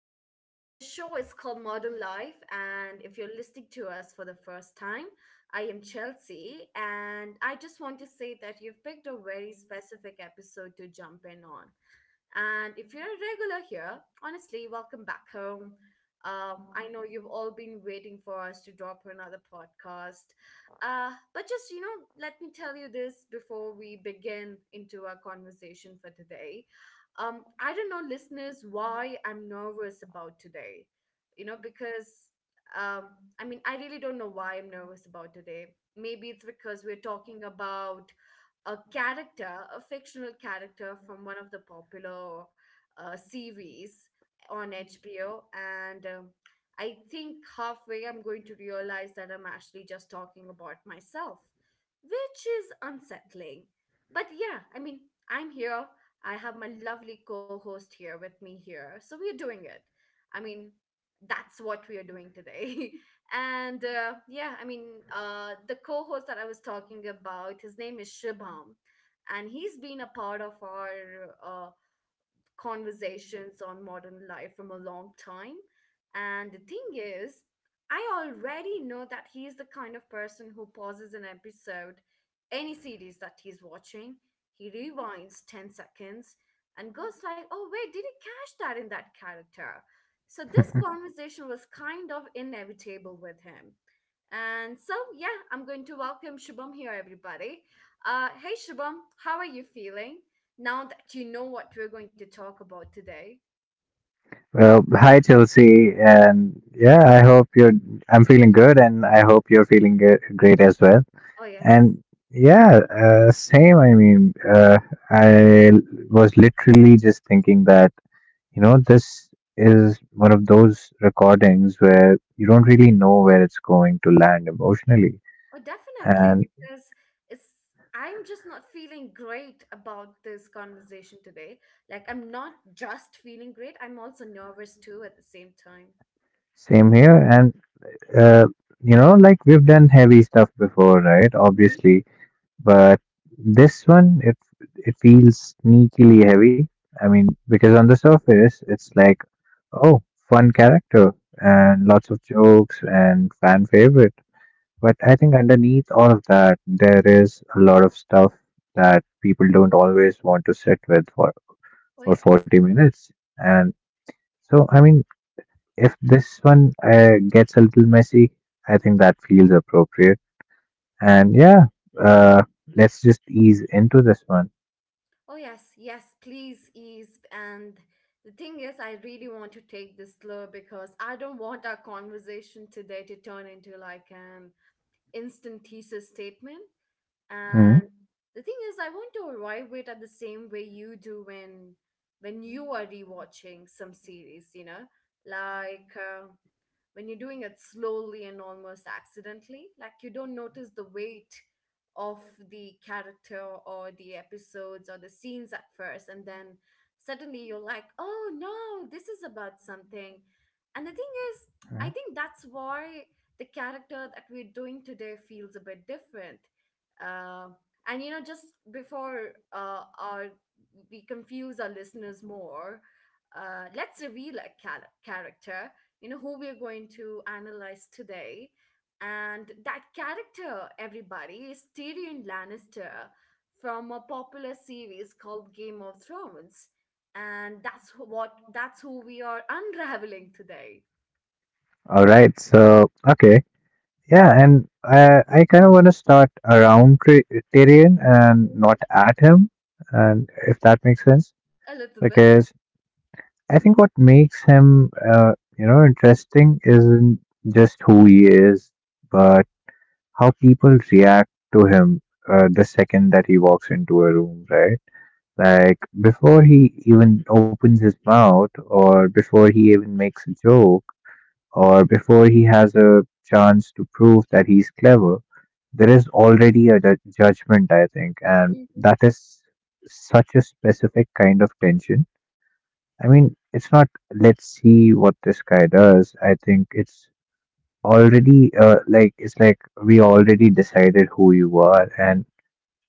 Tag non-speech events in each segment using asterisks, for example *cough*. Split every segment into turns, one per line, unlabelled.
This show is called Modern Life, and if you're listening to us for the first time, I am Chelsea, and I just want to say that you've picked a very specific episode to jump in on. And if you're a regular here, honestly, welcome back home. I know you've all been waiting for us to drop another podcast. But just, you know, let me tell you this before we begin into our conversation for today. I don't know, listeners, why I'm nervous about today. You know, because um, I mean, I really don't know why I'm nervous about today. Maybe it's because we're talking about a character, a fictional character from one of the popular series on HBO, and I think halfway I'm going to realize that I'm actually just talking about myself, which is unsettling. But yeah, I mean, I'm here. I have my lovely co host here with me here. So we're doing it. I mean, that's what we are doing today. *laughs* And yeah, I mean, the co-host that I was talking about, his name is Shibham, and he's been a part of our conversations on Modern Life from a long time. And the thing is, I already know that he is the kind of person who pauses an episode, any series that he's watching, he rewinds 10 seconds and goes like, "Oh wait, did he catch that in that character?" So this conversation was kind of inevitable with him. And so, yeah, I'm going to welcome Shubham here, everybody. Hey, Shubham, how are you feeling now that you know what we're going to talk about today?
Well, hi Chelsea, and yeah, I hope you're. I'm feeling good, and I hope you're feeling great as well.
Oh, yes.
And yeah, same. I was literally just thinking that you know this is one of those recordings where you don't really know where it's going to land emotionally.
Oh, definitely.
And
Because it's, I'm just not feeling great about this conversation today. Like, I'm not just feeling great, I'm also nervous too at the same time.
same here. And uh, you know, like we've done heavy stuff before, right?
Hmm.
Obviously. But this one, it feels sneakily heavy. I mean, because on the surface, it's like, oh, fun character and lots of jokes and fan favorite. But I think underneath all of that, there is a lot of stuff that people don't always want to sit with for
Oh, yes.
40 minutes. And so, I mean, if this one gets a little messy, I think that feels appropriate. And yeah, uh, let's just ease into this one.
Oh, yes. Yes, please ease. And the thing is, I really want to take this slow because I don't want our conversation today to turn into like an instant thesis statement.
Hmm.
And the thing is, I want to arrive it at the same way you do when you are rewatching some series, you know, like when you're doing it slowly and almost accidentally, like you don't notice the weight of the character or the episodes or the scenes at first, and then suddenly you're like, oh no, this is about something. And the thing is,
Hmm.
I think that's why the character that we're doing today feels a bit different. uh, and you know, just before our we confuse our listeners more, let's reveal a character. You know who we're going to analyze today, and that character, everybody, is Tyrion Lannister from a popular series called Game of Thrones. And that's wh- what that's who we are unraveling today.
All right. So, okay. Yeah, and I kind of want to start around Tyrion and
Mhm.
not at him, and if that makes sense,
A little bit.
because I think what makes him, you know, interesting isn't just who he is, but how people react to him the second that he walks into a room, right? Like before he even opens his mouth, or before he even makes a joke or before he has a chance to prove that he's clever, there is already a judgment, I think, and
Mhm.
that is such a specific kind of tension. I mean, it's not let's see what this guy does. I think it's already like it's like we already decided who you are, and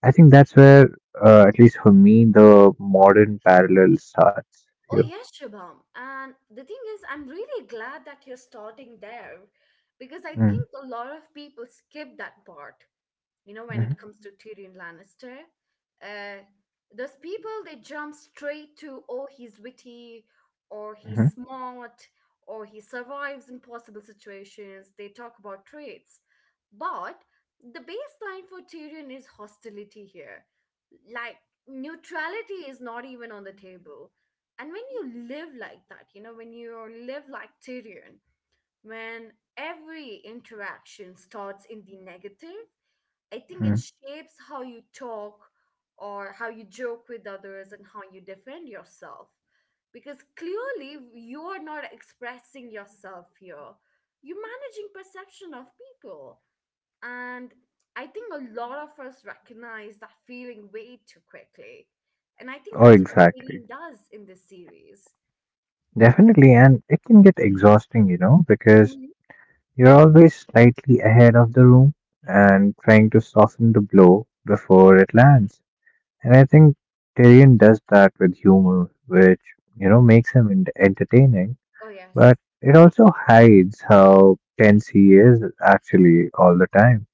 I think that's where, at least for me, the modern parallel starts
Oh
here.
yes, Shubham, and the thing is, I'm really glad that you're starting there, because I
Mm-hmm.
think a lot of people skip that part, you know, when
Mm-hmm.
it comes to Tyrion Lannister. Uh, those people, they jump straight to, oh, he's witty, or
Mm-hmm.
he's smart, or he survives impossible situations. They talk about traits. But the baseline for Tyrion is hostility here. Like, neutrality is not even on the table. And when you live like that, you know, when you live like Tyrion, when every interaction starts in the negative, I think it
Mm-hmm.
shapes how you talk or how you joke with others and how you defend yourself. Because clearly you are not expressing yourself here. You're managing perception of people. And I think a lot of us recognize that feeling way too quickly. And I think
Oh,
that's what
exactly.
Alien does in this series.
Definitely, and it can get exhausting, you know, because
Mhm.
you're always slightly ahead of the room and trying to soften the blow before it lands. And I think Tyrion does that with humor, which, you know, makes him entertaining,
Oh, yes.
but it also hides how tense he is actually all the time.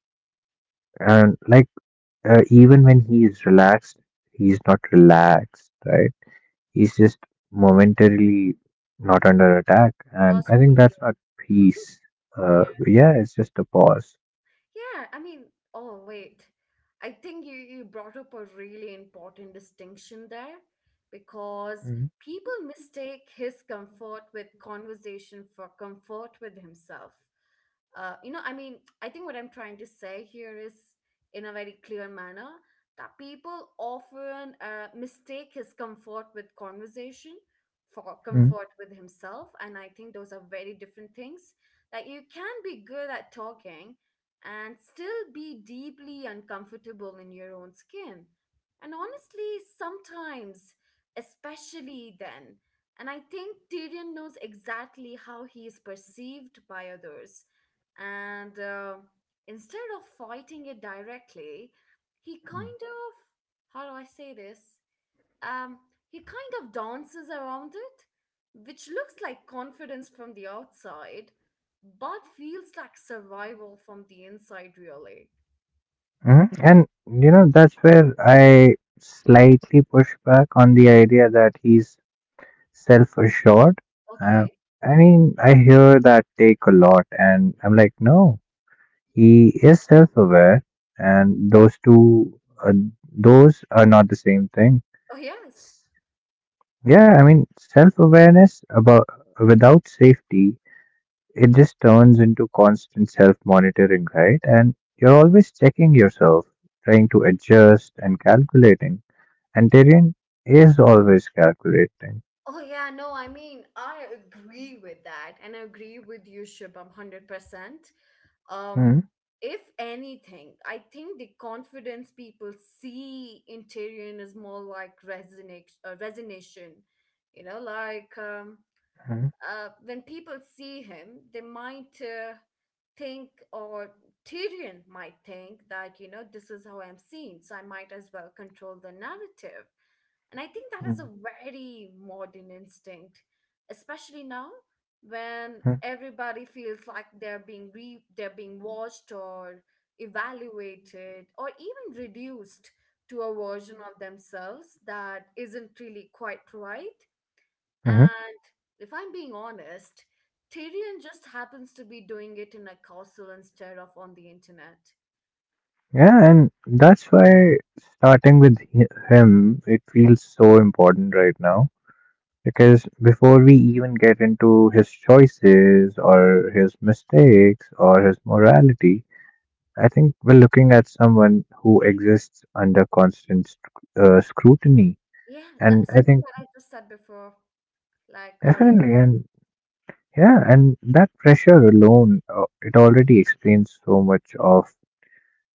And like, even when he's relaxed, he's not relaxed, right? He's just momentarily not under attack, and
Us
I
true
think that's not
too.
peace.
*laughs* Yeah.
Yeah, it's just a pause.
Yeah, I mean, oh wait. I think you brought up a really important distinction there, because
Mhm,
people mistake his comfort with conversation for comfort with himself. You know, I mean, I think what I'm trying to say here is, in a very clear manner, that people often mistake his comfort with conversation for
mhm,
comfort with himself. And I think those are very different things. Like, you can be good at talking and still be deeply uncomfortable in your own skin. And honestly, sometimes, especially then. And I think Tyrion knows exactly how he is perceived by others, and instead of fighting it directly, he kind of, how do I say this, um he kind of dances around it, which looks like confidence from the outside but feels like survival from the inside, really.
mhm. And you know, that's where I slightly push back on the idea that he's self assured. Uh,
Okay.
I mean, I hear that take a lot, and I'm like, no, he is self aware, and those are not the same thing.
Oh yes.
Yeah, I mean, self awareness about without safety, it just turns into constant self monitoring, right? And you're always checking yourself, trying to adjust and calculating. And Tyrion is always calculating.
Oh yeah, no, I mean, I agree with that, and I agree with you, Shibam, 100%. um
Mm-hmm.
if anything, I think the confidence people see in Tyrion is more like resignation. Resignation. You know, like when people see him, they might think, or Tyrion might think, that you know, this is how I'm seen, so I might as well control the narrative. And I think that is a
Mm-hmm.
very modern instinct, especially now, when everybody feels like they're being watched or evaluated or even reduced to a version of themselves that isn't really quite right.
Hmm.
And if I'm being honest, Tyrion just happens to be doing it in a castle instead of on the internet.
Yeah, and that's why starting with him, it feels so important right now. Because before we even get into his choices or his mistakes or his morality, I think we're looking at someone who exists under constant scrutiny.
Yeah, that
And I
something
think
that I just said before, like
definitely,
earlier.
and yeah, and that pressure alone, it already explains so much of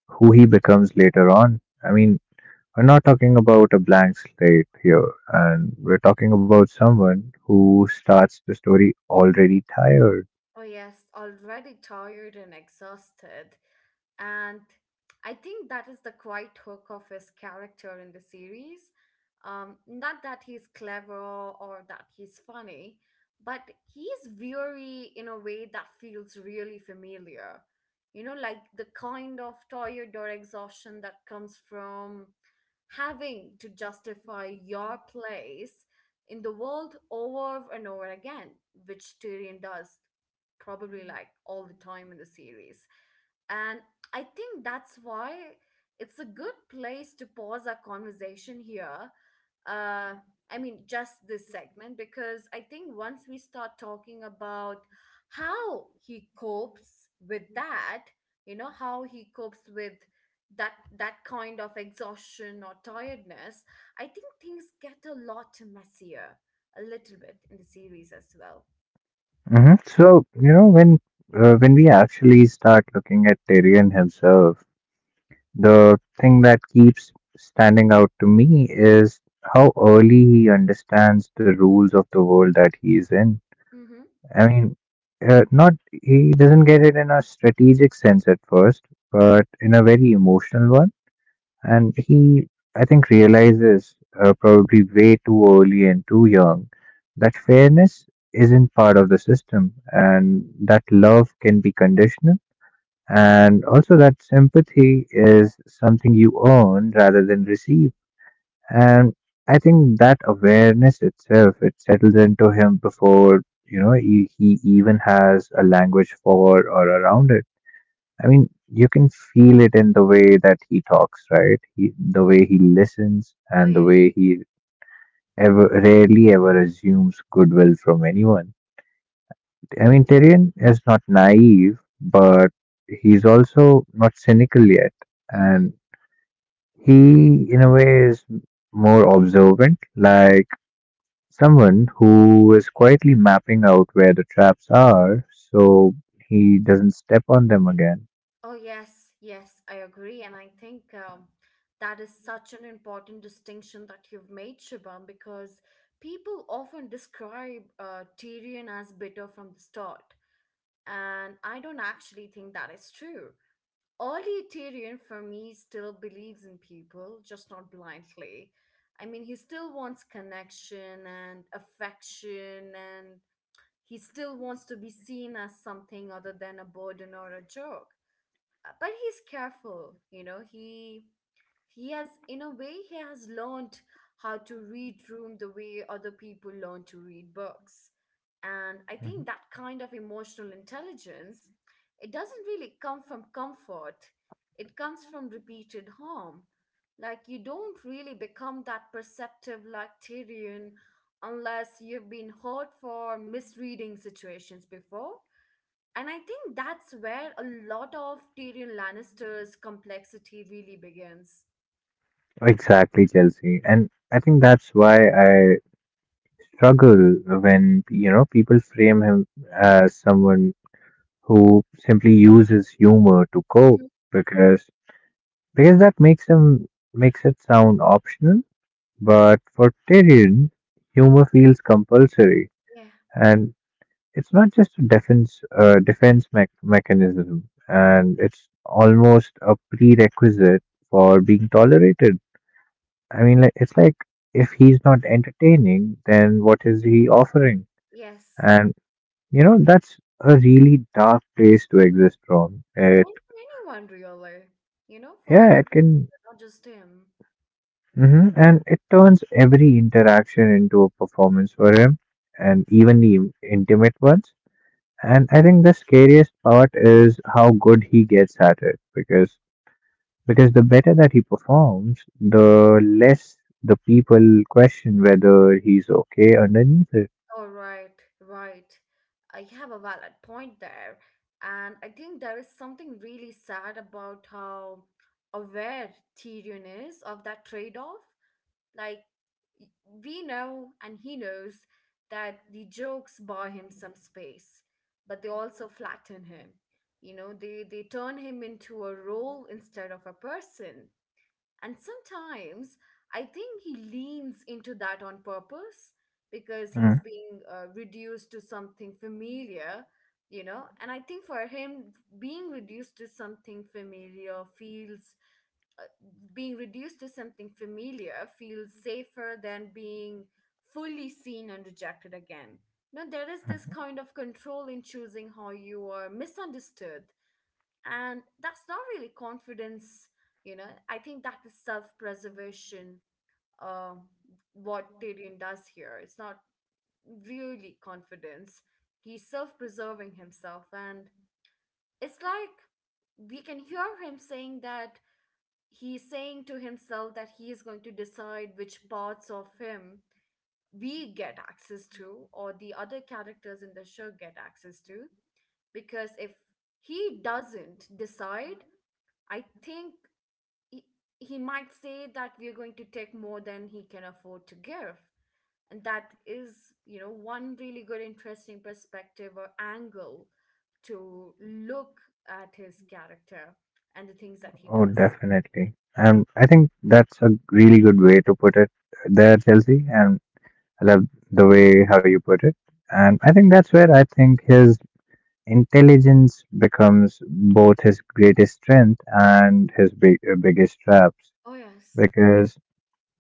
who he becomes later on. I mean, we're not talking about a blank slate here, and we're talking about someone who starts the story already tired.
Oh, yes, already tired and exhausted, and I think that is the quiet hook of his character in the series. Not that he's clever or that he's funny, but he's weary in a way that feels really familiar. You know, like the kind of tired or exhaustion that comes from having to justify your place in the world over and over again, which Tyrion does probably like all the time in the series. And I think that's why it's a good place to pause our conversation here. Uh, I mean, just this segment, because I think once we start talking about how he copes with that, you know, how he copes with that that kind of exhaustion or tiredness, I think things get a lot messier, a little bit in the series as well.
Hmm. So, you know, when we actually start looking at Tyrion himself, the thing that keeps standing out to me is how early he understands the rules of the world that he is in.
Mm-hmm.
I mean, not he doesn't get it in a strategic sense at first, but in a very emotional one and he I think realizes probably way too early and too young that fairness isn't part of the system and that love can be conditional and also that sympathy is something you earn rather than receive and I think that awareness itself it settles into him before you know he even has a language for or around it. I mean, you can feel it in the way that he talks, right? He, the way he listens and the
Oh
way he ever rarely ever assumes goodwill from anyone. I mean, Tyrion is not naive, but he's also not cynical yet,
yeah.
and he, in a way, is more observant, like someone who is quietly mapping out where the traps are, so he doesn't step on them again.
Oh, yes, yes, I agree. And I think that is such an important distinction that you've made, Shibam, because people often describe Tyrion as bitter from the start. And I don't actually think that is true. Early Tyrion, for me, still believes in people, just not blindly. I mean, he still wants connection and affection, and he still wants to be seen as something other than a burden or a joke. But he's careful. You know, he has, in a way, he has learned how to read room the way other people learn to read books. And I think that kind of emotional intelligence, it doesn't really come from comfort, it comes from repeated harm. Like, you don't really become that perceptive, like Tyrion, unless you've been hurt for misreading situations before. And I think that's where a lot of Tyrion Lannister's complexity really begins.
Exactly, Chelsea. And I think that's why I struggle when, you know, people frame him as someone who simply uses humor to cope
Hmm.
because that makes him makes it sound optional, but for Tyrion, humor feels compulsory
Yeah,
and it's not just a defense mechanism and it's almost a prerequisite for being tolerated. I mean, like, it's like if he's not entertaining, then what is he offering?
yes.
And you know, that's a really dark place to exist from. It,
And for anyone, really, you know, for
yeah,
anyone,
it can.
not just him.
Hmm. And it turns every interaction into a performance for him, and even the intimate ones. And I think the scariest part is how good he gets at it, because the better that he performs, the less the people question whether he's okay underneath it.
All right, right. I have a valid point there. And I think there is something really sad about how aware Tyrion is of that trade off. Like, we know and he knows that the jokes buy him some space, but they also flatten him. You know, they turn him into a role instead of a person. And sometimes I think he leans into that on purpose, because he's being reduced to something familiar. You know, and I think for him, being reduced to something familiar feels uh, being reduced to something familiar feels safer than being fully seen and rejected again. You know, there is this kind of control in choosing how you are misunderstood, and that's not really confidence. You know, I think that is self-preservation. Uh, what Tyrion does here, it's not really confidence. He's self-preserving himself, and it's like we can hear him saying that, he's saying to himself that he is going to decide which parts of him we get access to, or the other characters in the show get access to. Because if he doesn't decide, I think he, he might say that we're going to take more than he can afford to give. And that is, you know, one really good interesting perspective or angle to look at his character and the things that he
Oh,
does.
definitely. And I think that's a really good way to put it there, Chelsea. And I love the way how you put it. And I think that's where I think his intelligence becomes both his greatest strength and his biggest traps.
Oh, yes.
Because,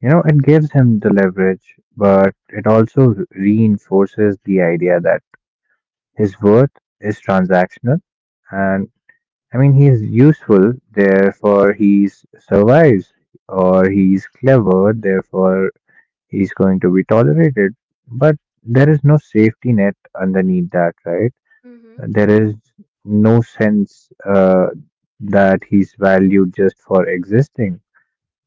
you know, it gives him the leverage, but it also reinforces the idea that his worth is transactional. And I mean, he's useful, therefore he survives, or he's clever, therefore he's going to be tolerated. But there is no safety net underneath that, right? There is no sense that he's valued just for existing,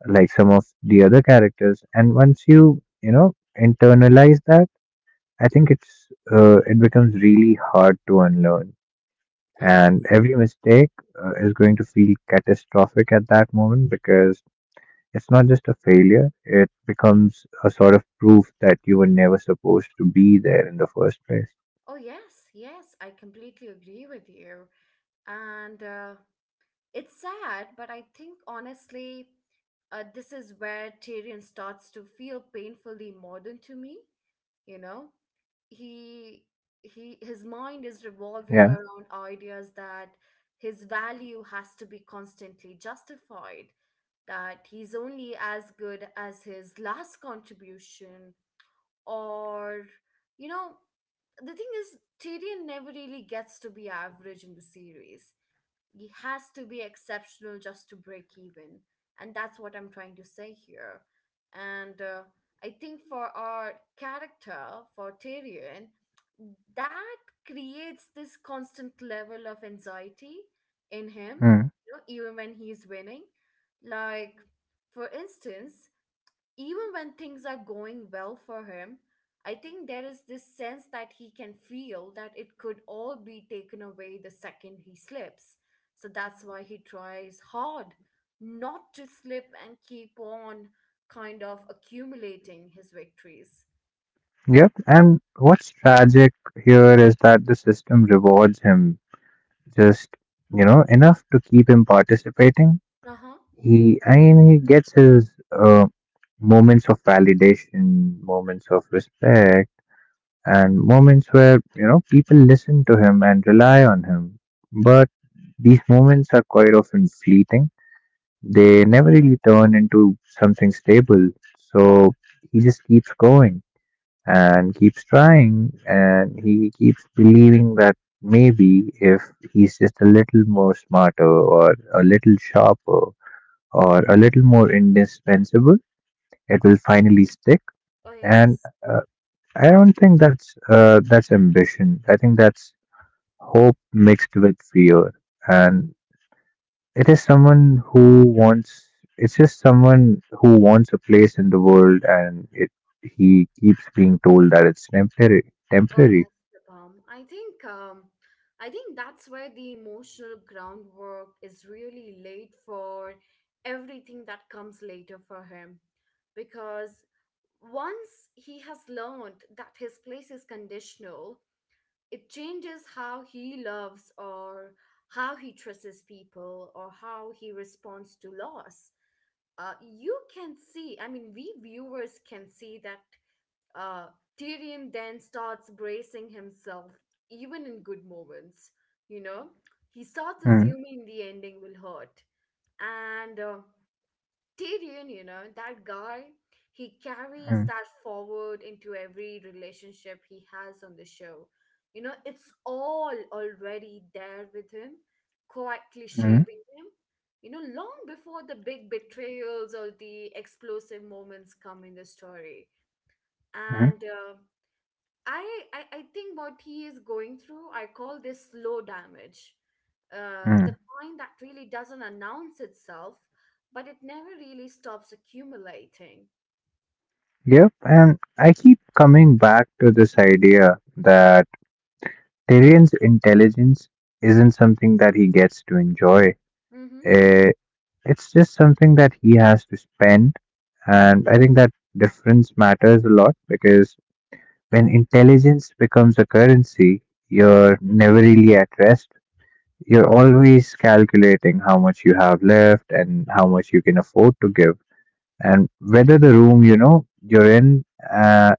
like some of the other characters. And once you, you know, internalize that, I think it becomes really hard to unlearn
It
and
does.
every mistake is going to feel catastrophic at that moment because it's not just a failure, it becomes a sort of proof that you were never supposed to be there in the first place.
Oh, yes, yes, I completely agree with you. And it's sad, but I think honestly, this is where Tyrion starts to feel painfully modern to me. You know, he he his mind is revolving
Yeah.
around ideas that his value has to be constantly justified, that he's only as good as his last contribution, or you know the thing is Tyrion never really gets to be average in the series. He has to be exceptional just to break even, and that's what I'm trying to say here. And I think for our character for Tyrion, that creates this constant level of anxiety in him,
Hmm.
you know, even when he's winning. Like, for instance, even when things are going well for him, I think there is this sense that he can feel that it could all be taken away the second he slips. So that's why he tries hard not to slip and keep on kind of accumulating his victories.
Yep, and what's tragic here is that the system rewards him just you know enough to keep him participating.
Uh huh.
He i mean he gets his moments of validation, moments of respect, and moments where you know people listen to him and rely on him, but these moments are quite often fleeting. They never really turn into something stable. So he just keeps going and keeps trying and he keeps believing that maybe if he's just a little more smarter or a little sharper or a little more indispensable it will finally stick.
Oh,
And
yes.
uh, I don't think that's ambition. I think that's hope mixed with fear,
*laughs*
and it is someone who wants. It's just someone who wants a place in the world, and it he keeps being told that it's temporary.
Oh yes,
Temporary.
the I think um, I think that's where the emotional groundwork is really laid for everything that comes later for him, because once he has learned that his place is conditional, it changes how he loves or how he trusts people or how he responds to loss. You can see, I mean, we viewers can see that uh, Tyrion then starts bracing himself, even in good moments. You know, he starts
Mm,
assuming the ending will hurt. And Tyrion, you know, that guy, he carries
mm,
that forward into every relationship he has on the show. You know, it's all already there with him, quietly
mm,
shaping him. You know, long before the big betrayals or the explosive moments come in the story.
mm,
And I, I think what he is going through, I call this slow damage. The
mm.
kind that really doesn't announce itself, but it never really stops accumulating.
Yep, and I keep coming back to this idea that Tyrion's intelligence isn't something that he gets to enjoy.
Mm-hmm.
Eh, It's just something that he has to spend. And I think that difference matters a lot because when intelligence becomes a currency, you're never really at rest. You're always calculating how much you have left and how much you can afford to give, and whether the room you know you're in Uh,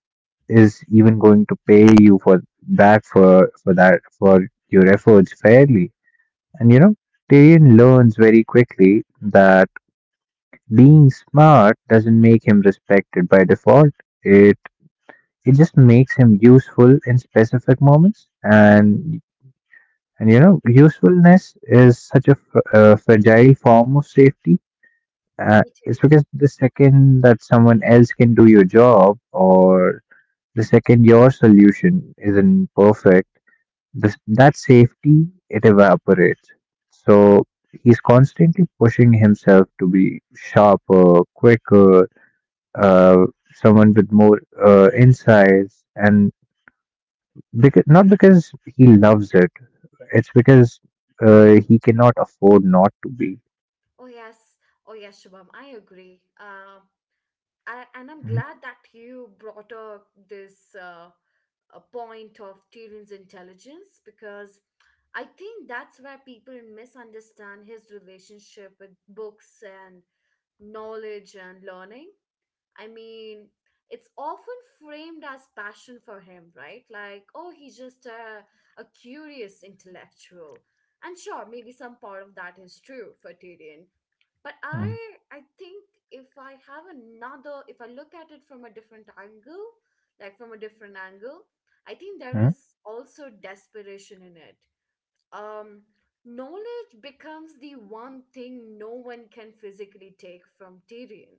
is even going to pay you for back for that for your efforts fairly. And you know, Tyrion learns very quickly that being smart doesn't make him respected by default. It it just makes him useful in specific moments,
Mm-hmm.
and you know, usefulness is such a, a fragile form of safety.
It
It's
is.
because the second that someone else can do your job, or the second your solution isn't perfect, that safety it evaporates. So he's constantly pushing himself to be sharper, quicker, uh, someone with more insights, and because not because he loves it, it's because he cannot afford not to be.
Oh yes. Oh yes, Shubham. I agree. I, and I'm
Mm,
glad that you brought up this a point of Tyrion's intelligence because I think that's where people misunderstand his relationship with books and knowledge and learning. I mean, it's often framed as passion for him, right? Like, oh, he's just a curious intellectual. And sure, maybe some part of that is true for Tyrion. But I
mm,
I think if I look at it from a different angle, like from a different angle, I think there
mm,
is also desperation in it. Um knowledge becomes the one thing no one can physically take from Tyrion,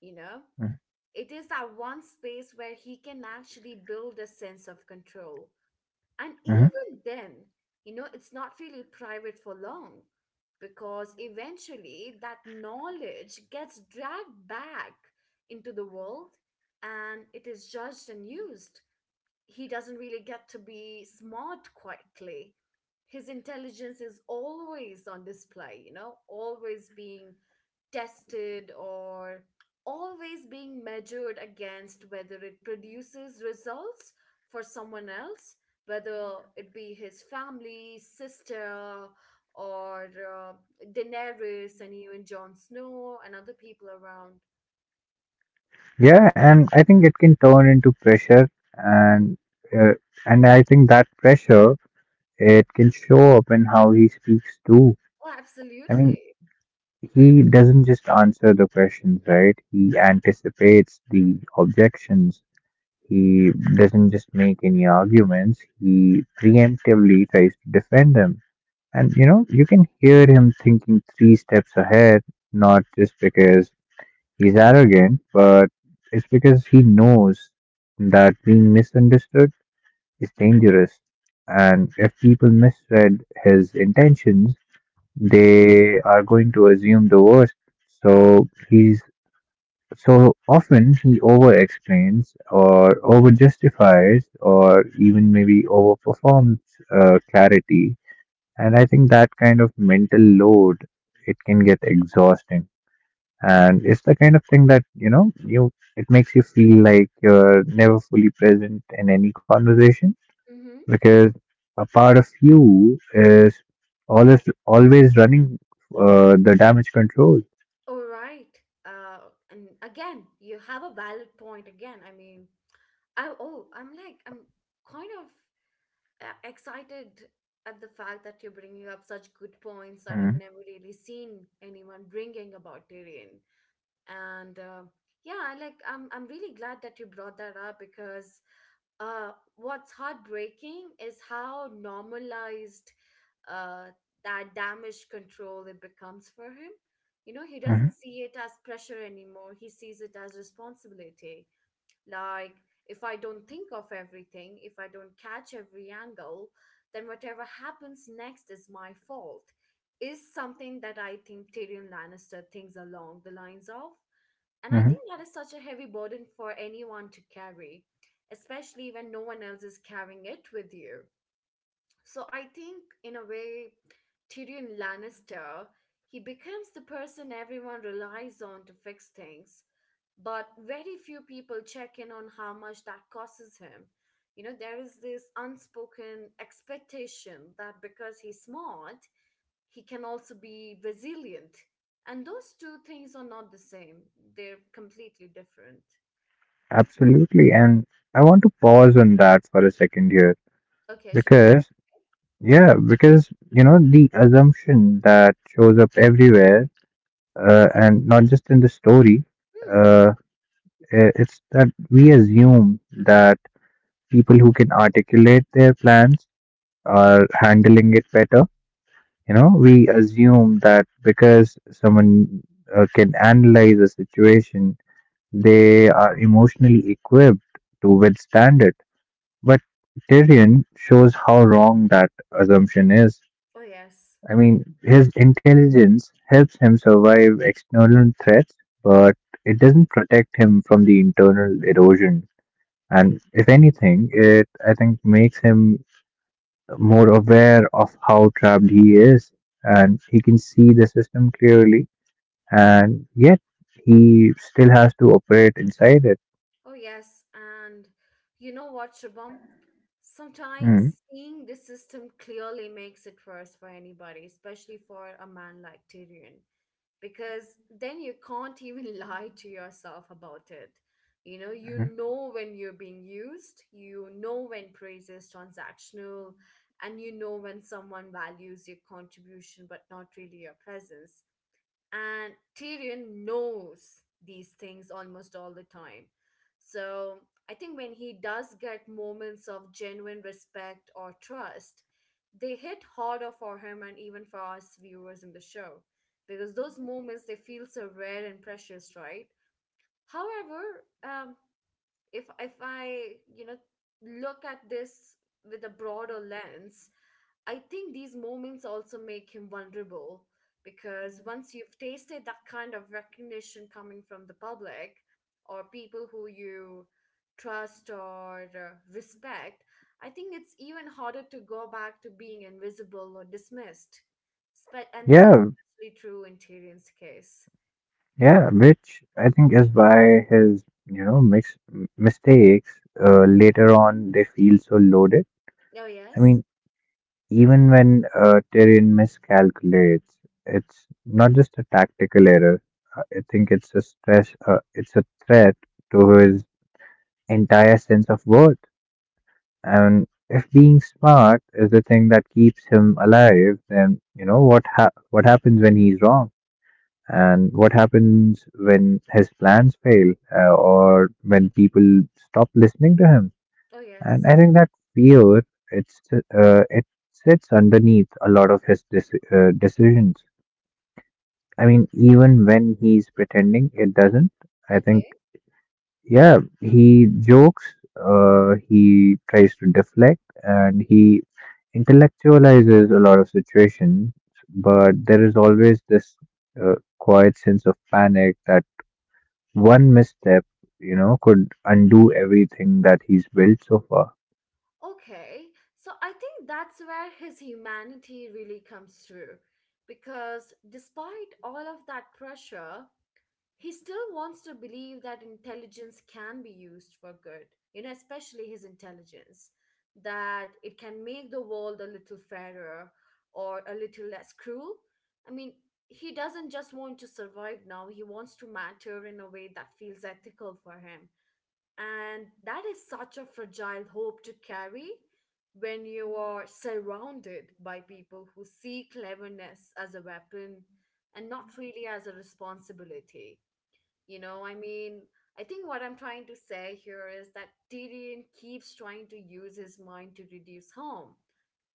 you know,
mm,
it is that one space where he can actually build a sense of control, and
mhm.
even then, you know, it's not really private for long because eventually that knowledge gets dragged back into the world and it is judged and used. He doesn't really get to be smart quietly. His intelligence is always on display, you know, always being tested or always being measured against whether it produces results for someone else, whether it be his family, sister, or Daenerys and even Jon Snow and other people around.
Yeah and I think it can turn into pressure
Hmm.
and uh, and I think that pressure it can show up in how he speaks too.
Oh,
I mean,
absolutely.
he doesn't just answer the questions, right? He anticipates the objections. He doesn't just make any arguments. He preemptively tries to defend them. And you know, you can hear him thinking three steps ahead, not just because he's arrogant, but it's because he knows that being misunderstood is dangerous. And if people misread his intentions, they are going to assume the worst. So he's so often he over explains or over justifies or even maybe over performs clarity. And I think that kind of mental load it can get exhausting. And it's the kind of thing that, you know, you it makes you feel like you're never fully present in any conversation
Mm-hmm.
because a part of you is always running the damage control.
All right. Uh, and again, you have a valid point. Again, I mean, I oh, I'm kind of excited at the fact that you're bringing up such good points that I've
Mm.
never really seen anyone bringing about Tyrion and yeah I like I'm really glad that you brought that up because what's heartbreaking is how normalized uh, that damage control it becomes for him. You know, he
Hmm.
doesn't see it as pressure anymore, he sees it as responsibility. Like, if I don't think of everything, if I don't catch every angle, then whatever happens next is my fault, is something that I think Tyrion Lannister thinks along the lines of. And I
Hmm.
think that is such a heavy burden for anyone to carry, especially when no one else is carrying it with you. So I think, in a way, Tyrion Lannister, he becomes the person everyone relies on to fix things, but very few people check in on how much that costs him. You know, there is this unspoken expectation that because he's smart, he can also be resilient. And those two things are not the same. They're completely different.
Absolutely. And I want to pause on that for a second here
Okay, Shubham?
because, the assumption that shows up everywhere and not just in the story.
Hmm.
uh, It's that we assume that people who can articulate their plans are handling it better. You know, we assume that because someone can analyze a situation, they are emotionally equipped to withstand it. But Tyrion shows how wrong that assumption is.
Oh, yes.
I mean, his intelligence helps him survive external threats, but it doesn't protect him from the internal erosion. And if anything, it I think makes him more aware of how trapped he is, and he can see the system clearly, and yet he still has to operate inside it.
Oh, yes. And you know what, Shubham? Sometimes
Mm.
seeing the system clearly makes it worse for anybody, especially for a man like Tyrion, because then you can't even *laughs* lie to yourself about it. You
Mhm.
know when you're being used, you know when praise is transactional, and you know when someone values your contribution but not really your presence, and Tyrion knows these things almost all the time. So I think when he does get moments of genuine respect or trust, they hit harder for him and even for us viewers in the show because those moments they feel so rare and precious, right? However, um, if I, you know, look at this with a broader lens, I think these moments also make him vulnerable because once you've tasted that kind of recognition coming from the public or people who you trust or respect, I think it's even harder to go back to being invisible or dismissed. Spe- and this
Yeah,
is especially true in Tyrion's case.
yeah, which I think is why his, you know, mistakes later on they feel so loaded.
Oh,
I
yes.
mean, even when Tyrion miscalculates, it's not just a tactical error. I think it's a stress. It's a threat to his entire sense of worth. And if being smart is the thing that keeps him alive, then you know what happens when he's wrong, and what happens when his plans fail, or when people stop listening to him.
Oh,
And
yes.
I think that fear it sits underneath a lot of his decisions. I mean, even when he's pretending it doesn't, I think
Okay.
yeah, he jokes, he tries to deflect, and he intellectualizes a lot of situations. But there is always this quiet sense of panic that one misstep, you know, could undo everything that he's built so far.
Okay, so I think that's where his humanity really comes through. Because despite all of that pressure, he still wants to believe that intelligence can be used for good, you know, especially his intelligence, that it can make the world a little fairer or a little less cruel. I mean, he doesn't just want to survive now, he wants to matter in a way that feels ethical for him, and that is such a fragile hope to carry when you are surrounded by people who see cleverness as a weapon and not really as a responsibility. You know, I mean, I think what I'm trying to say here is that Tyrion keeps trying to use his mind to reduce harm,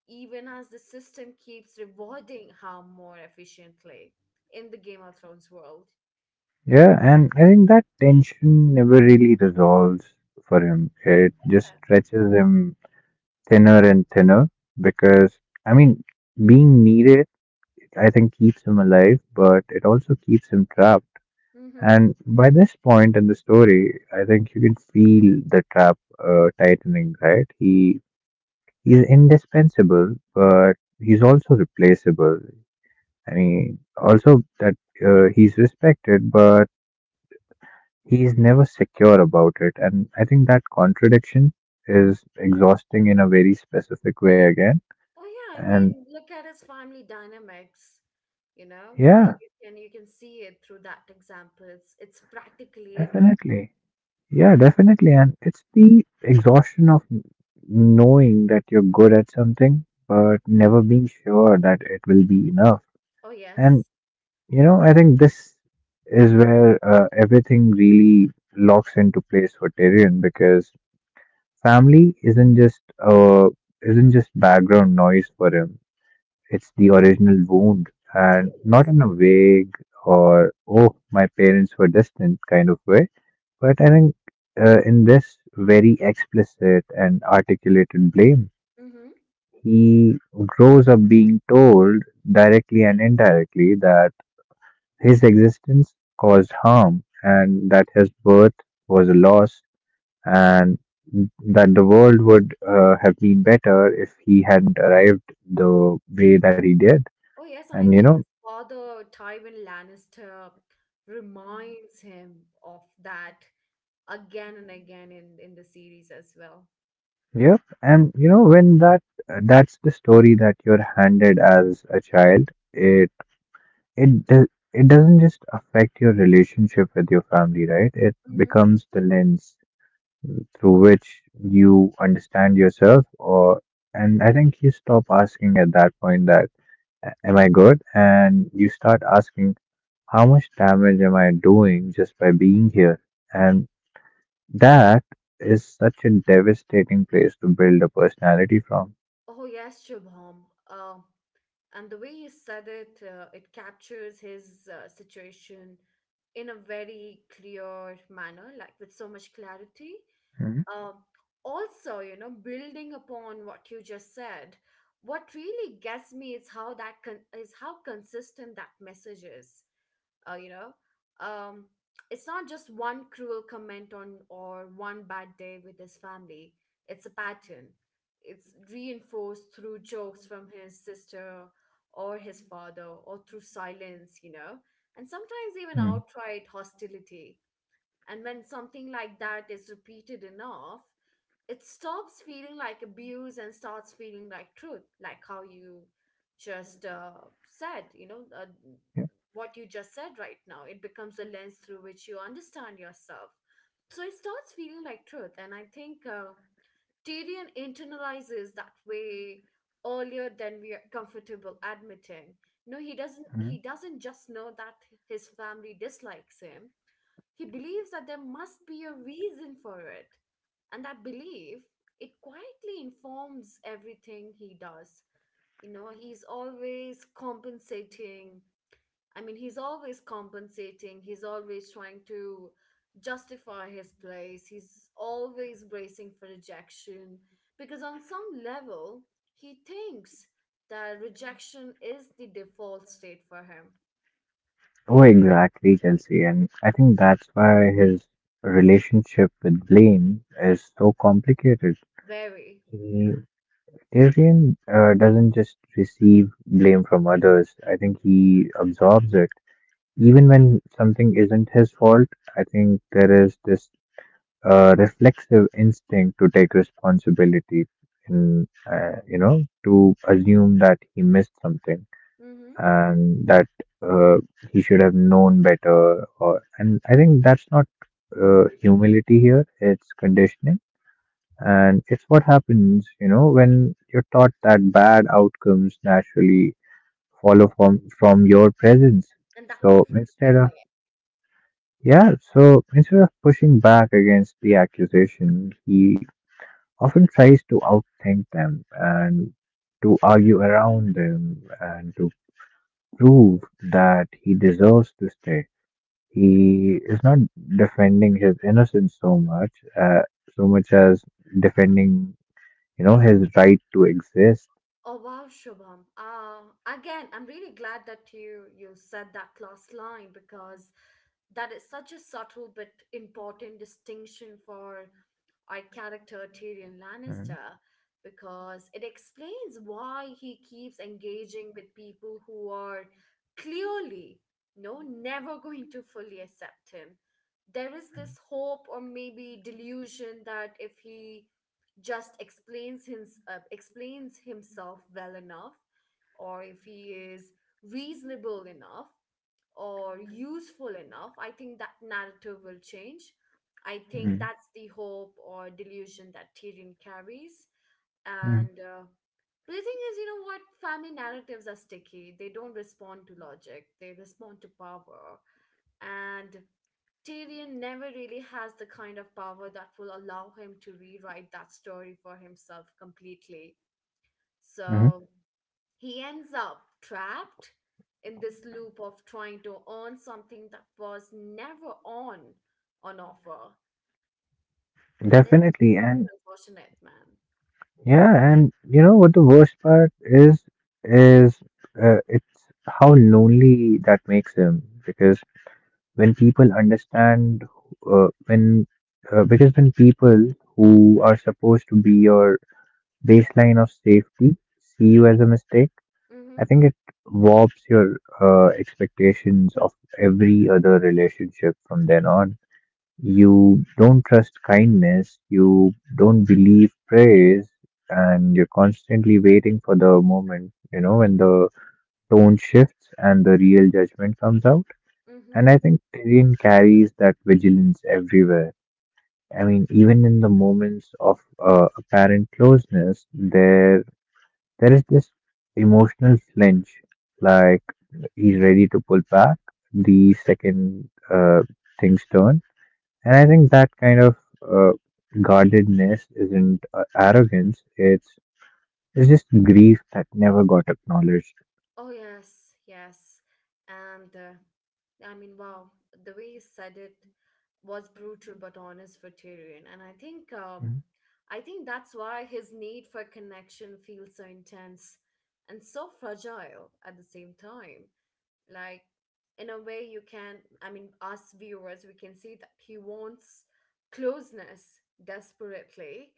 even as the system keeps rewarding harm more efficiently in the Game of Thrones world.
Yeah, and I think that tension never really resolves for him. It just
Yeah.
stretches him thinner and thinner because, I mean, being needed, I think, keeps him alive, but it also keeps him trapped.
Mm-hmm.
And by this point in the story, I think you can feel the trap tightening, right? He's indispensable, but he's also replaceable. I mean, also that he's respected, but he's never secure about it, and I think that contradiction is exhausting in a very specific way again.
Oh yeah, I
And
mean, look at his family dynamics. You know,
yeah,
you can see it through that example. It's practically in it.
definitely. Yeah, definitely. And it's the exhaustion of knowing that you're good at something, but
Mhm.
never being sure that it will be enough.
Oh
And,
yes,
you know, I think this is where everything really locks into place for Tyrion because family isn't just background noise for him. It's the original wound,
it
and not
is.
in a vague or, oh, my parents were distant kind of way, but I think in this very explicit and articulated blame,
Mm-hmm.
he grows up being told directly and indirectly that his existence caused harm and that his birth was a loss and that the world would have been better if he hadn't arrived the way that he did.
Oh yes, and
And
I
you know.
think his father, Tywin Lannister, reminds him of that again and again in the series as well.
Yep, and you know when that's the story that you're handed as a child, it do- it doesn't just affect your relationship with your family, right? It
Mm-hmm.
becomes the lens through which you understand yourself. Or and I think you stop asking at that point that "A- "am I good?" And you start asking how much damage am I doing just by being here? And that is such a devastating place to build a personality from.
Oh yes, Shubham. And the way he said it, it captures his, situation in a very clear manner, like with so much clarity.
Hmm.
um, Also, you know, building upon what you just said, what really gets me is how that is how consistent that message is. uh, you know um it's not just one cruel comment on or one bad day with his family, it's a pattern. It's reinforced through jokes from his sister or his father or through silence, you know, and sometimes even
Mm.
outright hostility. And when something like that is repeated enough, it stops feeling like abuse and starts feeling like truth. Like how you just said, you know,
Yeah.
what you just said right now, it becomes a lens through which you understand yourself. So it starts feeling like truth. And I think Tyrion internalizes that way earlier than we are comfortable admitting. No, he doesn't, he
Mhm.
doesn't just know that his family dislikes him, he believes that there must be a reason for it. And that belief, it quietly informs everything he does. You know, he's always compensating, he's always trying to justify his place, he's always bracing for rejection, because on some level he thinks that rejection is the default state for him.
Oh, exactly, Chelsea. And I think that's why his relationship with blame is so complicated.
Very.
He, Tyrion doesn't just receive blame from others, I think he absorbs it. Even when something isn't his fault, I think there is this reflexive instinct to take responsibility and, you know, to assume that he missed something,
Mm-hmm.
and that uh, he should have known better. Or and I think that's not humility here; it's conditioning, and it's what happens, you know, when you're taught that bad outcomes naturally follow from your presence.
And that
So
different the pygmy.
instead of pushing back against the accusation, he often tries to outthink them and to argue around them and to prove that he deserves to stay. He is not defending his innocence so much, uh, so much as defending, you know, his right to exist.
Oh wow, Shubham. Again, I'm really glad that you said that last line because that is such a subtle but important distinction for our character Tyrion
Mm,
Lannister because it explains why he keeps engaging with people who are clearly no never *laughs* going to fully accept him. There is this hope or maybe delusion that if he just explains his explains himself well enough or if he is reasonable enough or useful enough, I think that narrative will change. I think
mm,
that's the hope or delusion that Tyrion carries.
mm,
And But the thing is, you know what? Family narratives are sticky. They don't respond to logic. They respond to power. And Tyrion never really has the kind of power that will allow him to rewrite that story for himself completely.
mhm.
So he ends up trapped in this loop of trying to earn something that was never on offer. That's
Definitely,
pretty
and
unfortunate, man.
yeah, and you know what the worst part is, it's how lonely that makes him because when people understand when because when people who are supposed to be your baseline of safety see you as a mistake,
Mm-hmm.
I think it warps your expectations of every other relationship from then on. You don't trust kindness, you don't believe praise, and you're constantly waiting for the moment, you know, when the tone shifts and the real judgment comes out.
Mm-hmm.
And I think Tyrion carries that vigilance everywhere. I mean, even in the moments of apparent closeness, there is this emotional flinch, like he's ready to pull back the second things turn. And I think that kind of uh, guardedness isn't arrogance, it's just grief that never got acknowledged.
Oh yes, yes. And I mean, wow, the way you said it, was brutal but honest veteran. And I think I think that's why his need for connection feels so intense and so fragile at the same time, like, in a way you can, I mean, us viewers we can see that he wants closeness desperately,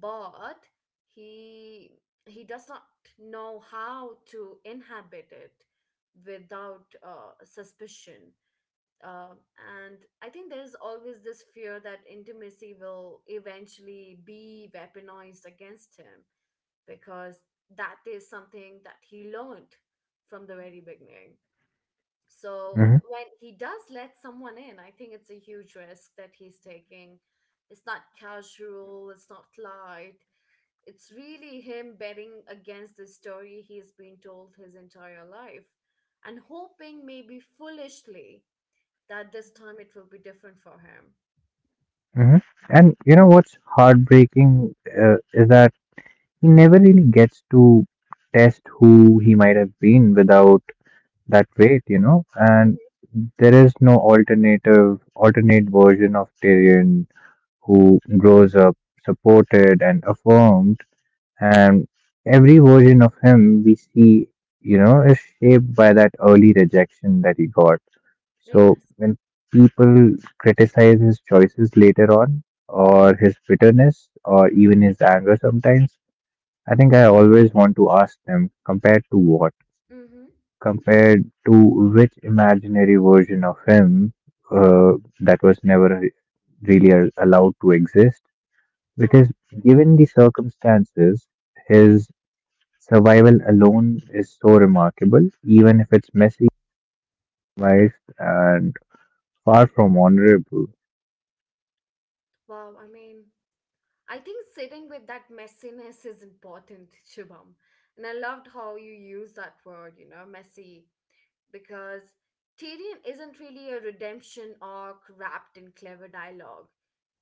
but he he does not know how to inhabit it without suspicion. uh, and I think there's always this fear that intimacy will eventually be weaponized against him, because that is something that he learned from the very beginning. So
Mm-hmm.
when he does let someone in, I think it's a huge risk that he's taking. It's not casual, it's not light, it's really him betting against the story he's been told his entire life, and hoping, maybe foolishly, that this time it will be different for him.
Hmm. And you know what's heartbreaking is that he never really gets to test who he might have been without that weight, you know, and
Hmm.
there is no alternate version of Tyrion who grows up supported and affirmed, and every version of him we see, you know, is shaped by that early rejection that he got. So
Yes.
when people criticize his choices later on, or his bitterness, or even his anger sometimes, I think I always want to ask them, compared to what?
Mm-hmm.
Compared to which imaginary version of him uh, that was never really allowed to exist? Because
Well,
given the circumstances, his survival alone is so remarkable, even if it's messy, biased, and far from honorable.
wow. I mean, I think sitting with that messiness is important, Shubham. And I loved how you use that word, you know, messy. Because Tyrion isn't really a redemption arc wrapped in clever dialogue.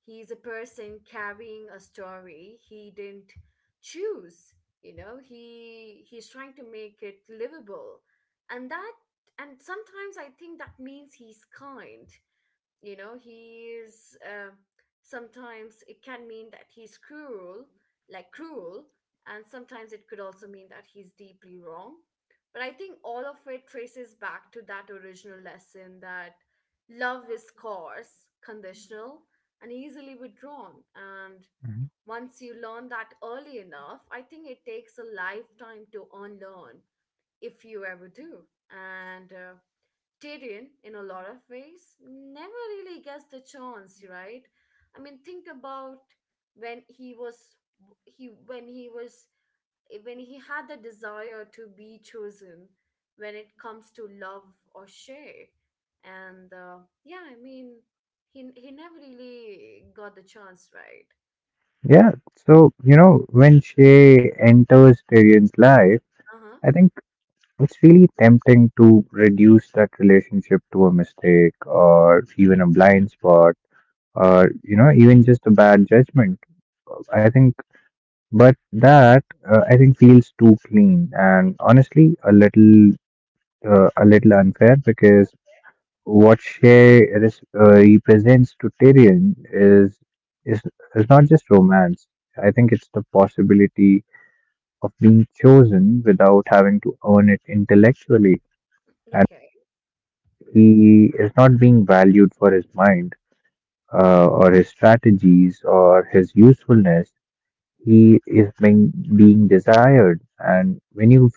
He's a person carrying a story he didn't choose. You know, he's trying to make it livable. And that, and sometimes I think that means he's kind, you know, he's sometimes it can mean that he's cruel, like cruel, and sometimes it could also mean that he's deeply wrong. But I think all of it traces back to that original lesson, that love is coarse, conditional, and easily withdrawn. And
Mhm.
once you learn that early enough, I think it takes a lifetime to unlearn, if you ever do. And Tyrion, in a lot of ways, never really gets the chance, right? I mean, think about when he was, he when he was when he had the desire to be chosen when it comes to love, or share, and yeah, I mean, he never really got the chance, right?
Yeah, so, you know, when Shay enters Tyrion's life,
Uh huh.
I think it's really tempting to reduce that relationship to a mistake or even a blind spot or you know even just a bad judgment. I think but that uh, i think feels too clean and honestly a little unfair because what she represents to Tyrion is is not just romance. I think it's the possibility of being chosen without having to earn it intellectually. And
Okay.
he is not being valued for his mind or his strategies or his usefulness. He is being desired. And when you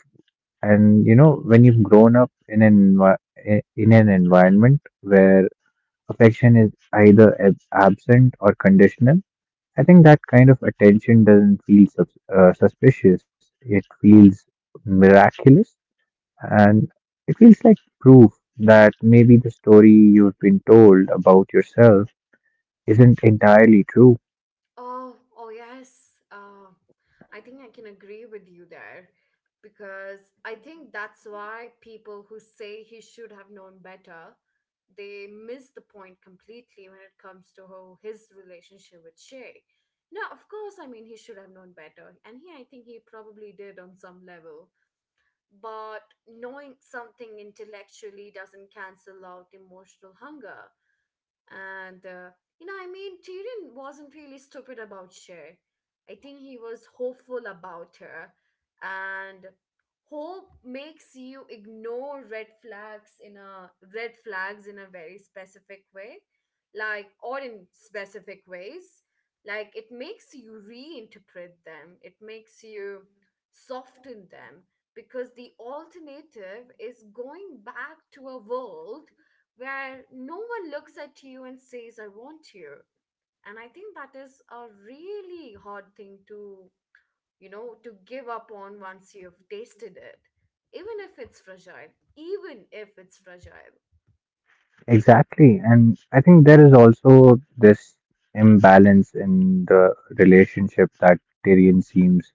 and You know, when you've grown up in in an environment where affection is either absent or conditional, I think that kind of attention doesn't feel suspicious, it feels miraculous. And it feels like proof that maybe the story you've been told about yourself isn't entirely true.
Oh, oh yes. I think I can agree with you there, because I think that's why people who say he should have known better, they miss the point completely when it comes to how his relationship with Shay. Now, of course, I mean, he should have known better, and he, I think he probably did on some level. But knowing something intellectually doesn't cancel out emotional hunger. And You know, I mean, Tyrion wasn't really stupid about Cher. I think he was hopeful about her. And hope makes you ignore red flags in a very specific way, like, or in specific ways. Like, it makes you reinterpret them, it makes you soften them, because the alternative is going back to a world where no one looks at you and says, I want you. And I think that is a really hard thing to, you know, to give up on once you've tasted it, even if it's fragile, even if it's fragile.
Exactly. And I think there is also this imbalance in the relationship that Tyrion seems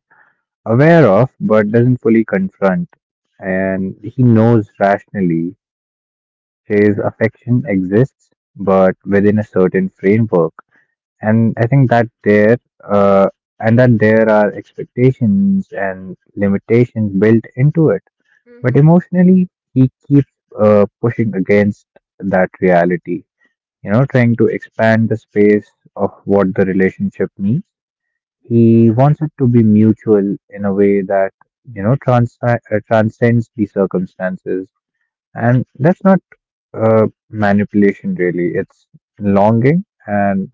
aware of but doesn't fully confront. And he knows rationally his affection exists, but within a certain framework. And I think that uh, there are expectations and limitations built into it. But
Mm-hmm.
emotionally, he keeps pushing against that reality, you know, trying to expand the space of what the relationship means. He
Yes.
wants it to be mutual in a way that, you know, transcends the circumstances. And that's not manipulation, really. It's longing. And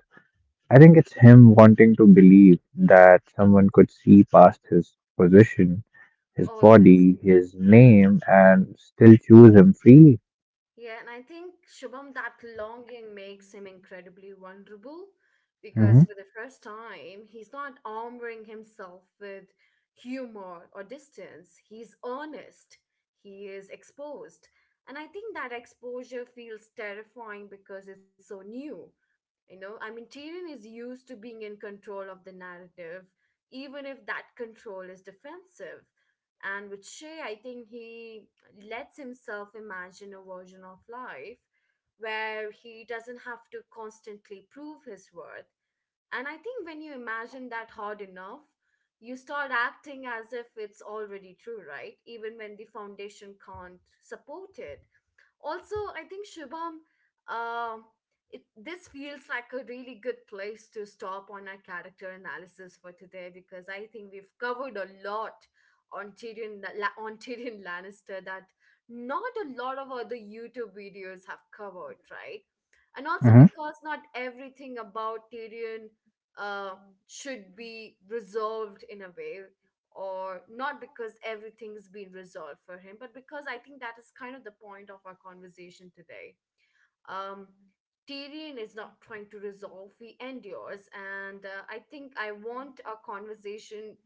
I think it's him wanting to believe that someone could see past his position, his
Oh yes.
body, his name, and still choose him freely.
Yeah, and I think, Shubham, that longing makes him incredibly vulnerable,
Mm-hmm.
because for the first time, he's not armoring himself with humor or distance. He's honest, he is exposed. And I think that exposure feels terrifying because it's so new. You know, I mean, Tyrion is used to being in control of the narrative, even if that control is defensive. And with Shay, I think he lets himself imagine a version of life where he doesn't have to constantly prove his worth. And I think when you imagine that hard enough, you start acting as if it's already true, right? Even when the foundation can't support it. Also, I think, Shubham, um, it, this feels like a really good place to stop on our character analysis for today, because I think we've covered a lot on Tyrion, La- on Tyrion Lannister, that not a lot of other YouTube videos have covered, right? And also
Mm-hmm.
because not everything about Tyrion uh, should be resolved in a way, or not because everything's been resolved for him, but because I think that is kind of the point of our conversation today. Um, Tyrion is not trying to resolve, he endures. And I think I want our conversation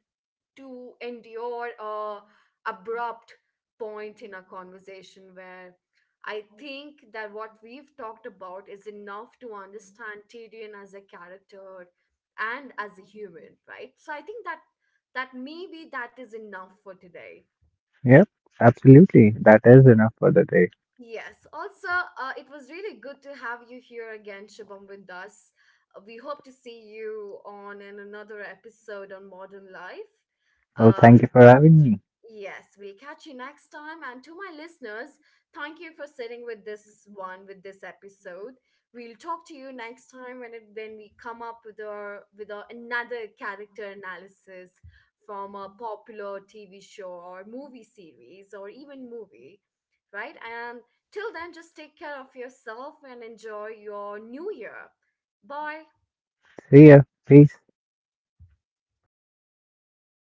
to endure a abrupt point in a conversation where I think that what we've talked about is enough to understand Tyrion as a character and as a human, right? So I think that maybe that is enough for today.
Yep, absolutely. That is enough for the day.
Yes. Also, it was really good to have you here again, Shubham, with us. We hope to see you on an, another episode on modern life.
Well,
Uh,
thank you for having me.
Yes, we'll catch you next time. And to my listeners, thank you for sitting with this one, with this episode. We'll talk to you next time when it, when we come up with our another character analysis from a popular TV show or movie series or even movie, right? And till then, just take care of yourself and enjoy your new year. Bye.
See ya. Peace.